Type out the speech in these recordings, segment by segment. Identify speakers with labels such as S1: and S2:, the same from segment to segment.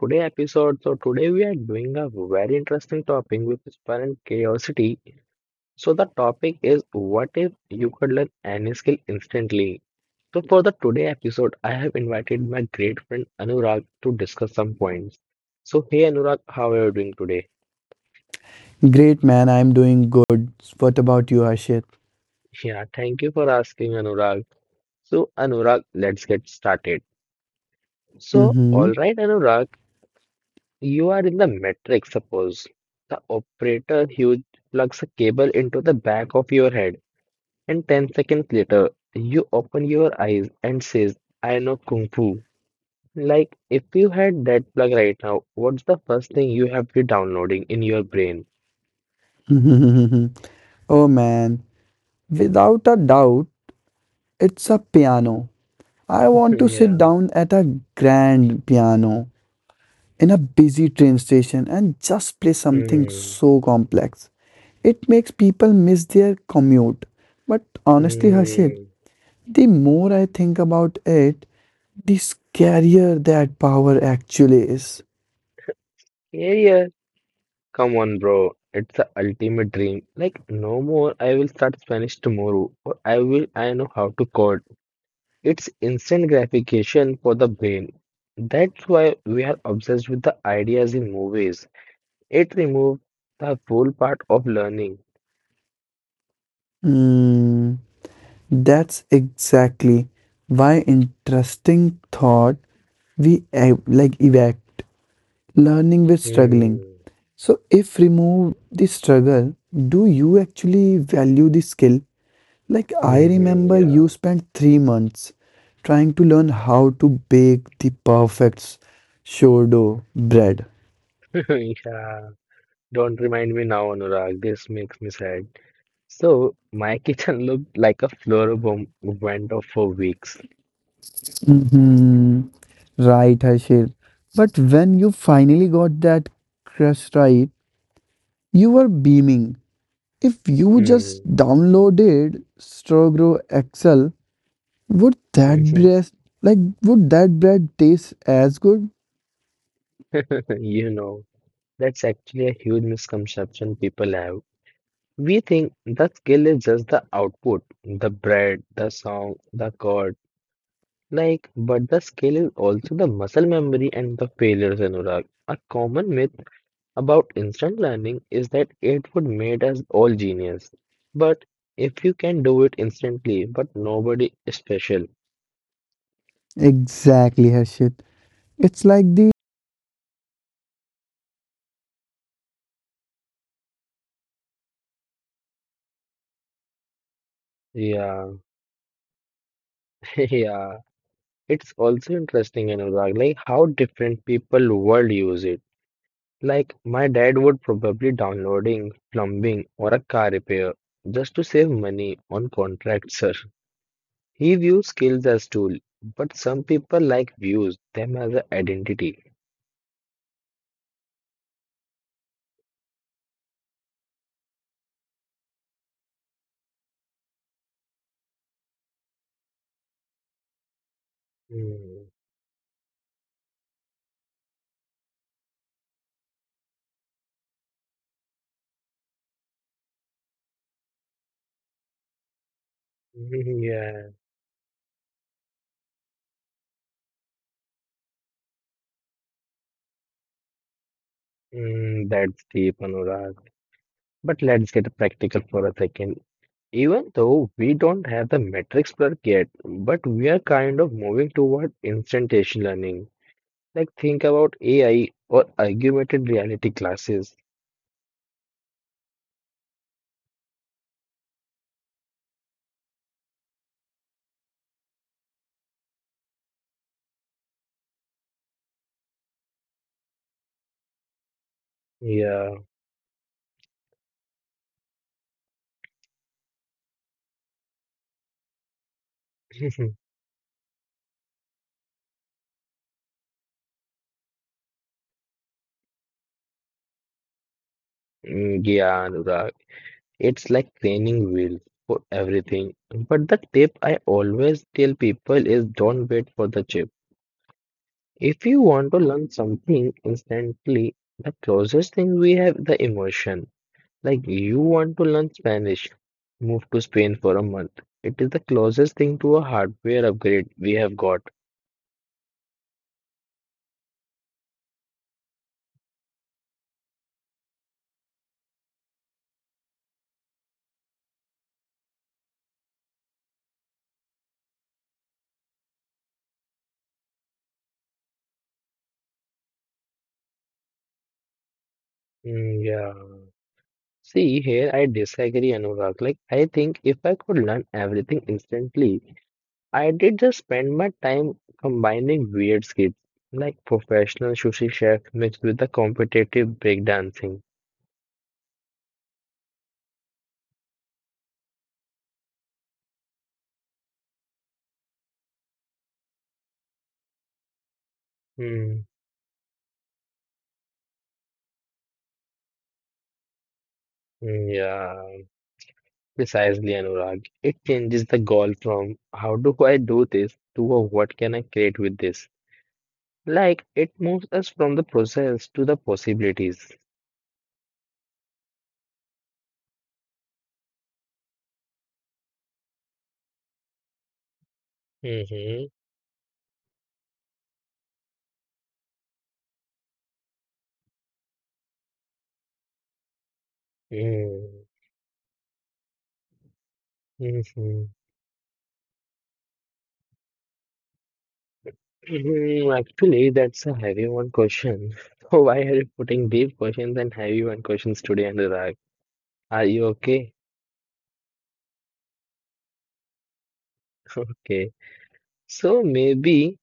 S1: today episode. So today we are doing a very interesting topic with inspiring curiosity. So the topic is what if you could learn any skill instantly? So for the today episode, I have invited my great friend Anurag to discuss some points. So hey Anurag, how are you doing today?
S2: Great man, I'm doing good. What about you, Ashit?
S1: Yeah, thank you for asking Anurag. So Anurag, let's get started. So
S2: Mm-hmm.
S1: all right Anurag, you are in the matrix, suppose. The operator huge plugs a cable into the back of your head, and 10 seconds later, you open your eyes and says, I know Kung Fu. Like, if you had that plug right now, what's the first thing you have to downloading in your brain?
S2: Oh man, without a doubt, it's a piano. I want to sit
S1: Yeah.
S2: down at a grand piano in a busy train station and just play something
S1: Hmm.
S2: so complex it makes people miss their commute. But honestly, Harshit,
S1: Hmm.
S2: the more I think about it, the scarier that power actually is.
S1: Yeah, yeah. Come on, bro. It's the ultimate dream. Like, no more. I will start Spanish tomorrow, or I will. I know how to code. It's instant gratification for the brain. That's why we are obsessed with the ideas in movies. It removes the whole part of learning.
S2: Hmm. That's exactly why interesting thought we evact learning with struggling.
S1: Hmm.
S2: So if remove the struggle, do you actually value the skill? Like I
S1: Hmm,
S2: remember you
S1: yeah.
S2: spent 3 months trying to learn how to bake the perfect sourdough bread.
S1: Yeah. Don't remind me now, Anurag. This makes me sad. So my kitchen looked like a flower bomb went off for weeks.
S2: hmm Right, Harshil. But when you finally got that crust right, you were beaming. If you just
S1: Hmm.
S2: downloaded Strogro Excel, would that bread like would that bread taste as good?
S1: You know, that's actually a huge misconception people have. We think the skill is just the output, the bread, the song, the chord, like, but the skill is also the muscle memory and the failures, Anurag. A common myth about instant learning is that it would make us all genius. But if you can do it instantly, but nobody is special.
S2: Exactly, Harshit. It's like the
S1: Yeah, yeah. It's also interesting, Anurag, like how different people world use it. Like my dad would probably downloading plumbing or a car repair just to save money on contracts, sir. He views skills as tool, but some people like views them as an identity. Mm, yeah, mm, that's deep, Anurag. But let's get practical for a second. Even though we don't have the metrics plug yet, but we are kind of moving toward instantaneous learning. Like think about AI or augmented reality classes. Yeah. Mhm. Mm, yeah, Anurag, it's like training wheels for everything. But the tip I always tell people is don't wait for the chip. If you want to learn something instantly, the closest thing we have the immersion. Like you want to learn Spanish, move to Spain for a month. It is the closest thing to a hardware upgrade we have got. Mm, yeah. See, here I disagree, Anurag. Like I think if I could learn everything instantly. I did just spend my time combining weird skills like professional sushi chef mixed with the competitive breakdancing. Mm, mm, yeah, precisely, Anurag. It changes the goal from how do I do this to a what can I create with this. Like it moves us from the process to the possibilities. Mm-hmm. Mm, mhm. Mhm, actually, that's a heavy one question. So why are you putting deep questions and heavy one questions today, Anurag? Are you okay? Okay. So maybe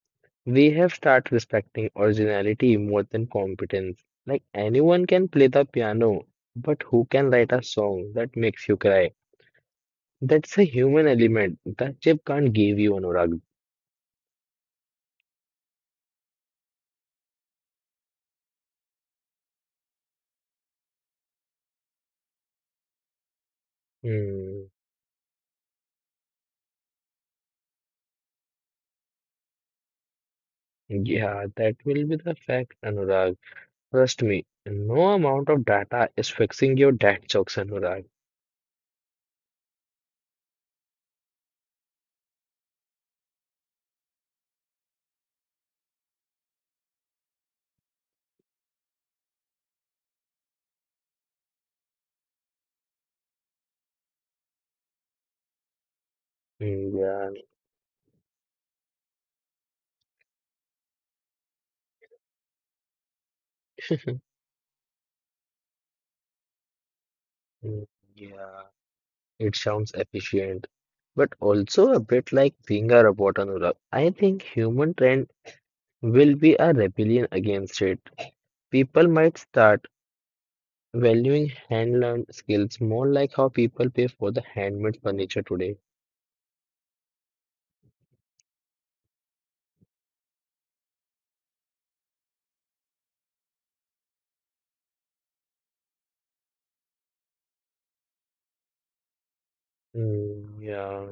S1: we have started respecting originality more than competence. Like anyone can play the piano, but who can write a song that makes you cry? That's a human element that chip can't give you, Anurag. Hmm. Yeah, that will be the fact, Anurag. Trust me, no amount of data is fixing your dad jokes, Anurag. Hmm, Yeah. Hmm, Yeah. It sounds efficient, but also a bit like being a robot, Anurag. I think human trend will be a rebellion against it. People might start valuing hand-learned skills more like how people pay for the handmade furniture today. Mm, yeah,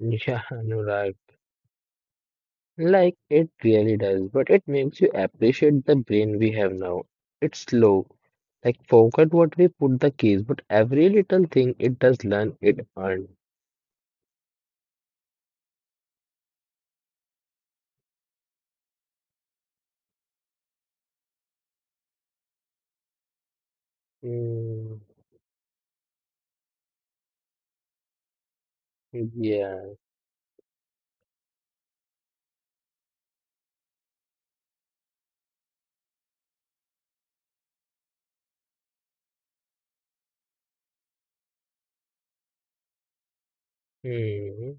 S1: yeah, Anurag. Like it really does, but it makes you appreciate the brain we have now. It's slow. Like forget what we put the keys, but every little thing it does learn, it earned. Yeah, hmm.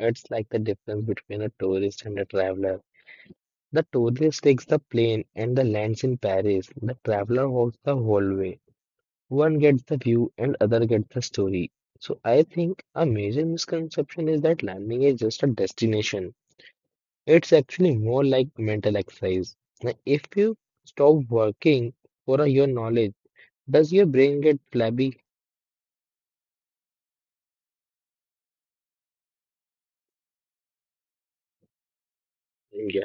S1: It's like the difference between a tourist and a traveler. The tourist takes the plane and the lands in Paris. The traveler walks the whole way. One gets the view and other gets the story. So I think a major misconception is that landing is just a destination. It's actually more like mental exercise. Like, if you stop working for your knowledge, does your brain get flabby? Yeah,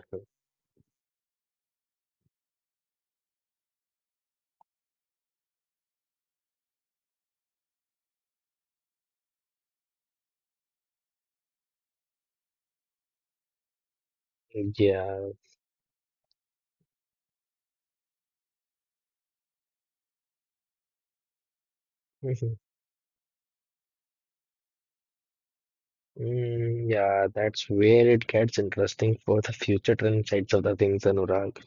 S1: yeah. Mm, yeah, that's where it gets interesting for the future trend sides of the things, Anurag.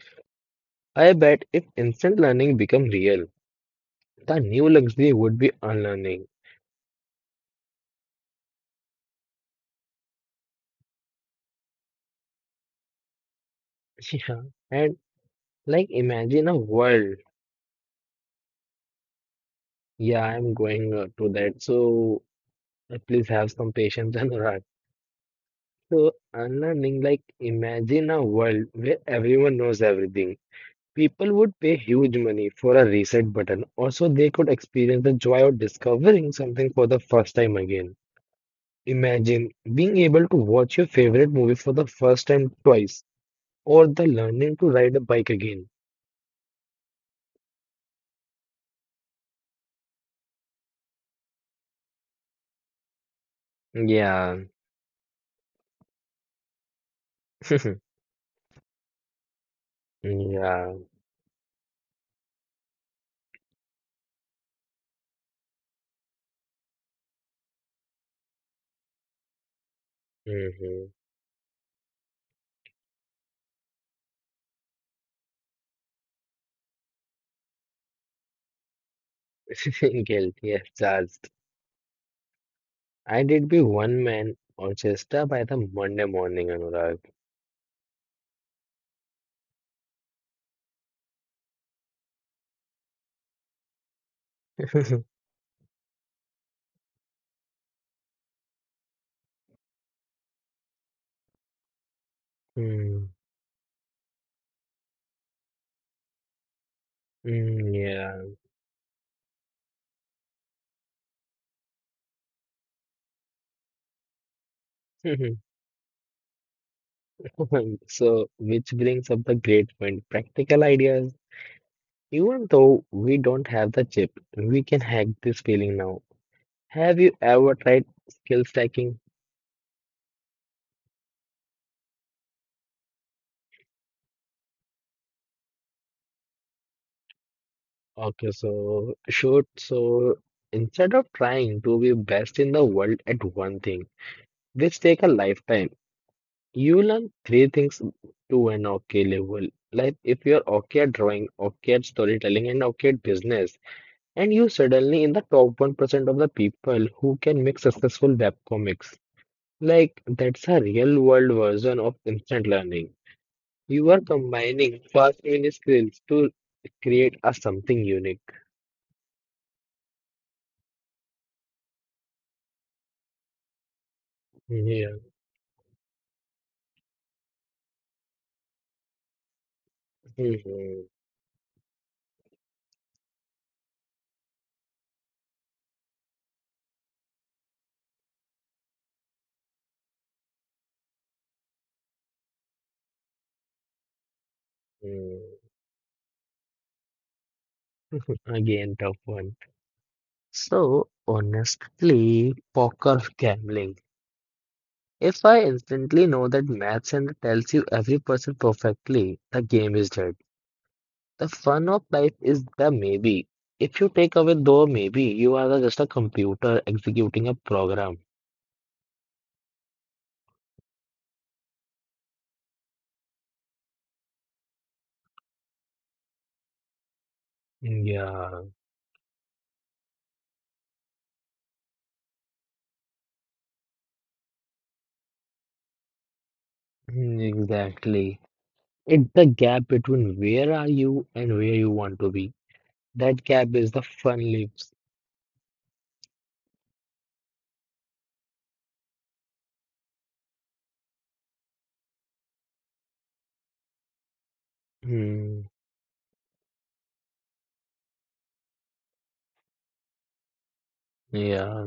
S1: I bet if instant learning become real, the new luxury would be unlearning. Yeah, and like imagine a world. Yeah, I'm going to that. So please have some patience, Anurag. So unlearning, like imagine a world where everyone knows everything. People would pay huge money for a reset button. Also, they could experience the joy of discovering something for the first time again. Imagine being able to watch your favorite movie for the first time twice, or the learning to ride a bike again. Yeah, yeah, mm-hmm. Guilt, yes, charged. I did be one man orchestra by the Monday morning, Anurag. Mm, mm, yeah. So, which brings up the great point, practical ideas. Even though we don't have the chip, we can hack this feeling now. Have you ever tried skill stacking? Okay, so should so instead of trying to be best in the world at one thing, which take a lifetime, you learn three things to an okay level. Like if you're okay at drawing, okay at storytelling, and okay at business, and you suddenly in the top 1% of the people who can make successful web comics. Like that's a real world version of instant learning. You are combining fast mini skills to create a something unique. Yeah. Mhm. Mm, again, tough one. So, honestly, poker gambling. If I instantly know that math center tells you every person perfectly, the game is dead. The fun of life is the maybe. If you take away though maybe, you are just a computer executing a program. Yeah, mm, exactly. It's the gap between where are you and where you want to be. That gap is the fun lives. Mm, yeah.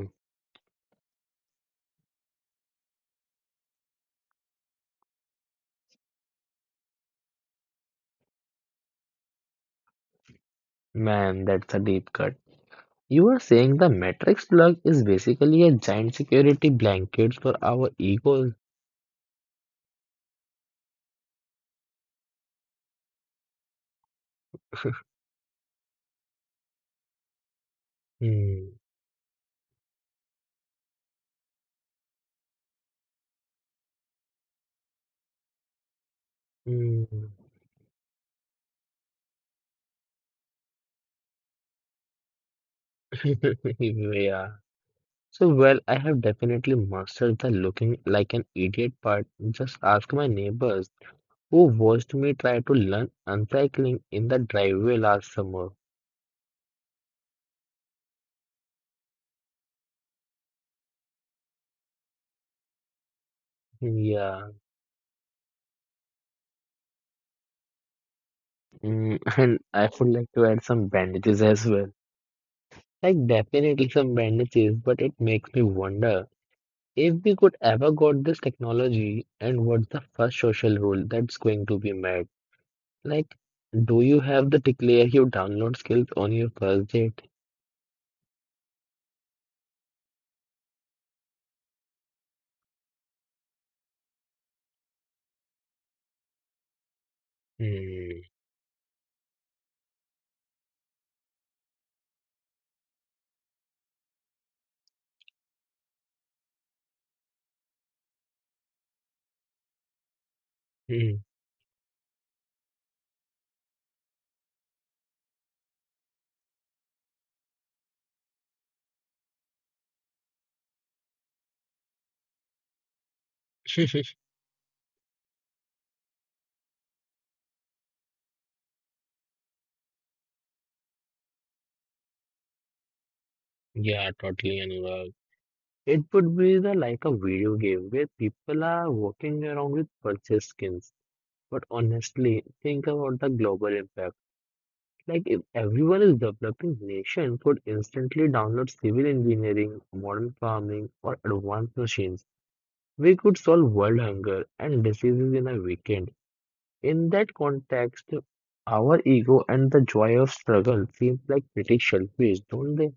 S1: Man, that's a deep cut. You are saying the Matrix plug is basically a giant security blanket for our egos. Hmm. Hmm. Yeah. So, well, I have definitely mastered the looking like an idiot part. Just ask my neighbors who watched me try to learn uncycling in the driveway last summer. Yeah. Mm, and I would like to add some bandages as well. Like, definitely some bandages, but it makes me wonder. If we could ever got this technology, and what's the first social rule that's going to be met? Like, do you have the declare your download skills on your first date? Hmm. hmm. Yeah, totally, Anurag. It would be the like a video game where people are walking around with purchase skins. But honestly, think about the global impact. Like if everyone is developing nation could instantly download civil engineering, modern farming, or advanced machines. We could solve world hunger and diseases in a weekend. In that context, our ego and the joy of struggle seems like pretty selfish, don't they?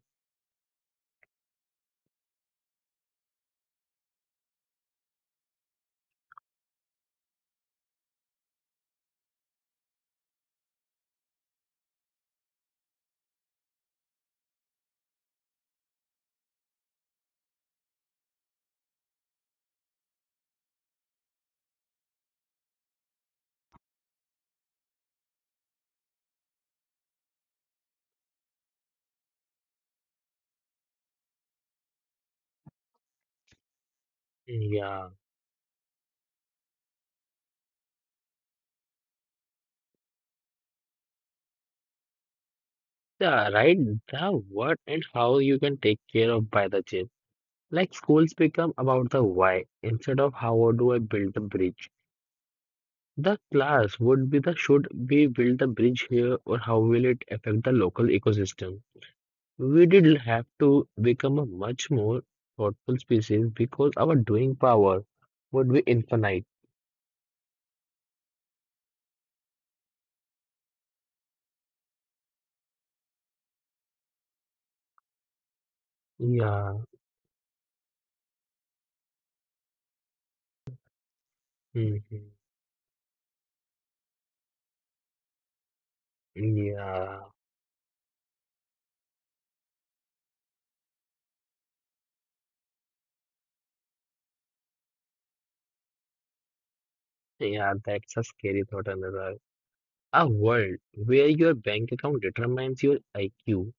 S1: Yeah, yeah, right. The what and how you can take care of by the gym. Like schools become about the why instead of how do I build the bridge. The class would be the should we build the bridge here or how will it affect the local ecosystem? We did have to become a much more thoughtful species because our doing power would be infinite. Yeah, hmm yeah, yeah, that's a scary thought, Anurag. A world where your bank account determines your IQ.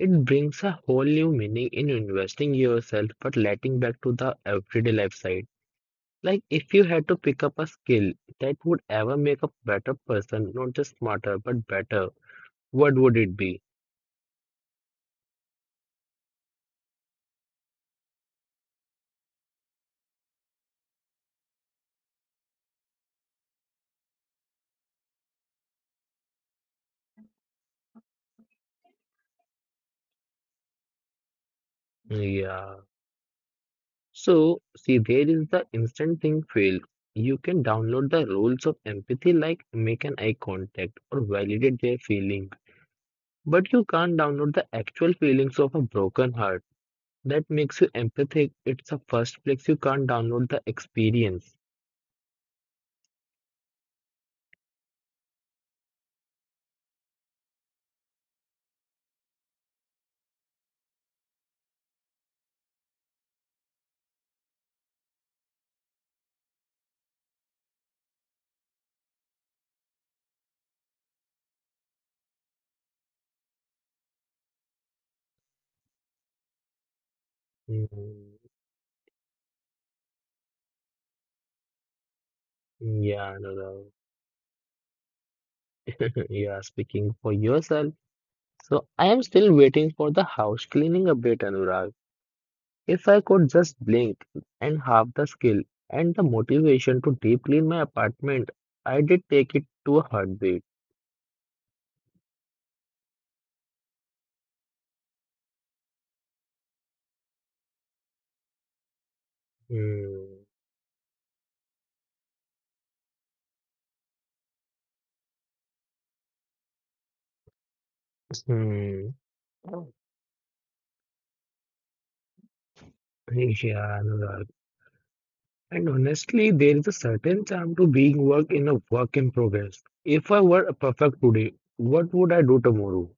S1: It brings a whole new meaning in investing yourself, but letting back to the everyday life side. Like if you had to pick up a skill that would ever make a better person, not just smarter, but better, what would it be? Yeah. So, see, there is the instant thing field. You can download the rules of empathy, like make an eye contact or validate their feeling. But you can't download the actual feelings of a broken heart. That makes you empathic. It's the first place you can't download the experience. Mm, yeah, Anurag. Yeah, speaking for yourself. So, I am still waiting for the house cleaning update, Anurag. If I could just blink and have the skill and the motivation to deep clean my apartment, I did take it to a heartbeat. Hmm. Hmm. Yeah, Anurag. And honestly, there is a certain charm to being work in progress. If I were perfect today, what would I do tomorrow?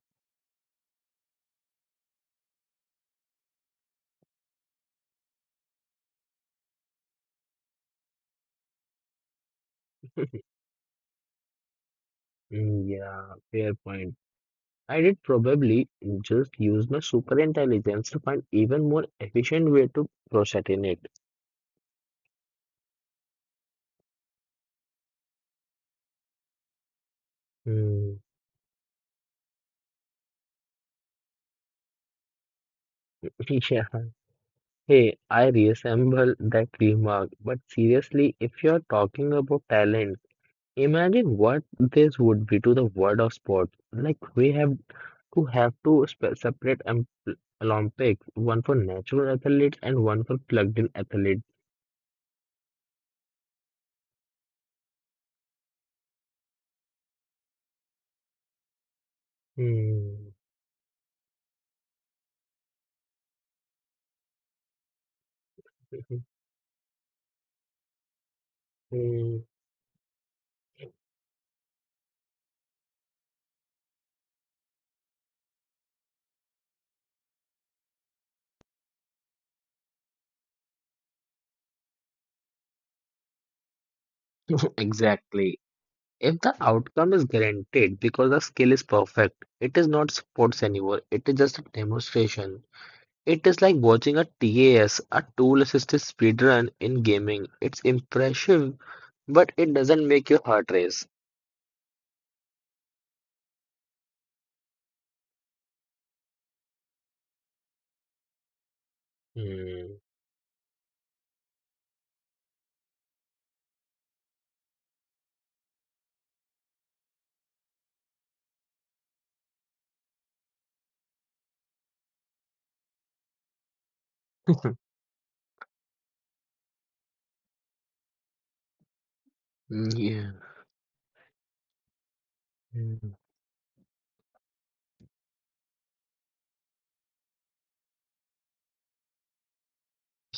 S1: Mm, yeah, fair point. I did probably just use my super intelligence to find even more efficient way to procrastinate. Mm, Yeah, hey, I resemble that remark, but seriously, if you're talking about talent, imagine what this would be to the world of sports. Like we have to separate Olympics, one for natural athletes and one for plugged-in athletes. Hmm. Hmm. Exactly. If the outcome is guaranteed because the skill is perfect, it is not sports anymore. It is just a demonstration. It is like watching a TAS, a tool-assisted speedrun in gaming. It's impressive, but it doesn't make your heart race. Hmm. Yeah. Hmm.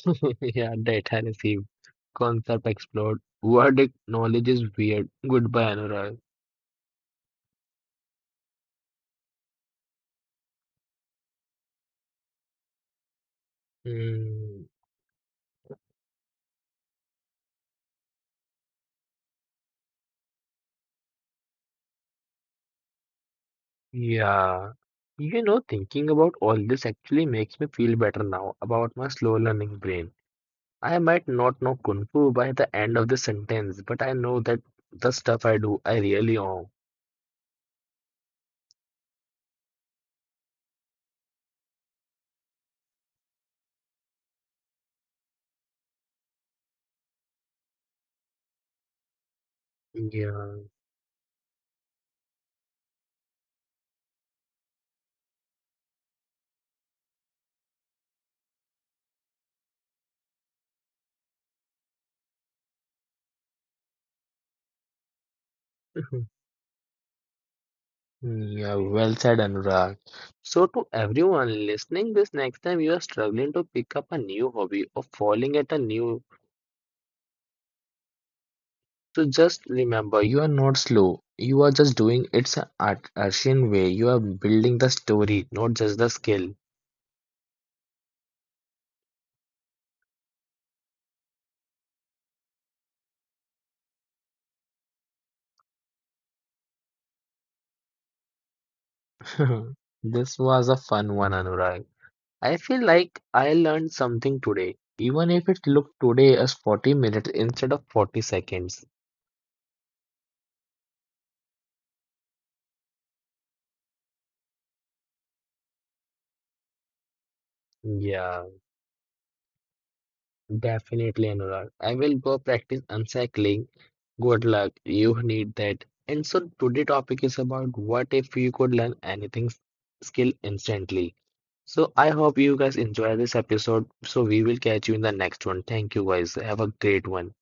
S1: Yeah, data received. Concept explored. Verdict knowledge is weird. Goodbye, Anurag. Hmm. Yeah. You know, thinking about all this actually makes me feel better now about my slow learning brain. I might not know Kung Fu by the end of the sentence, but I know that the stuff I do, I really own. Yeah. Mhm. Yeah, well said, Anurag. So, to everyone listening this next time you are struggling to pick up a new hobby or falling at a new, so just remember you are not slow. You are just doing it's an art Asian way. You are building the story, not just the skill. This was a fun one, Anurag. I feel like I learned something today, even if it looked today as 40 minutes instead of 40 seconds. Yeah, definitely, Anurag. I will go practice uncycling. Good luck. You need that. And so today topic is about what if you could learn anything skill instantly. So I hope you guys enjoy this episode. So we will catch you in the next one. Thank you guys. Have a great one.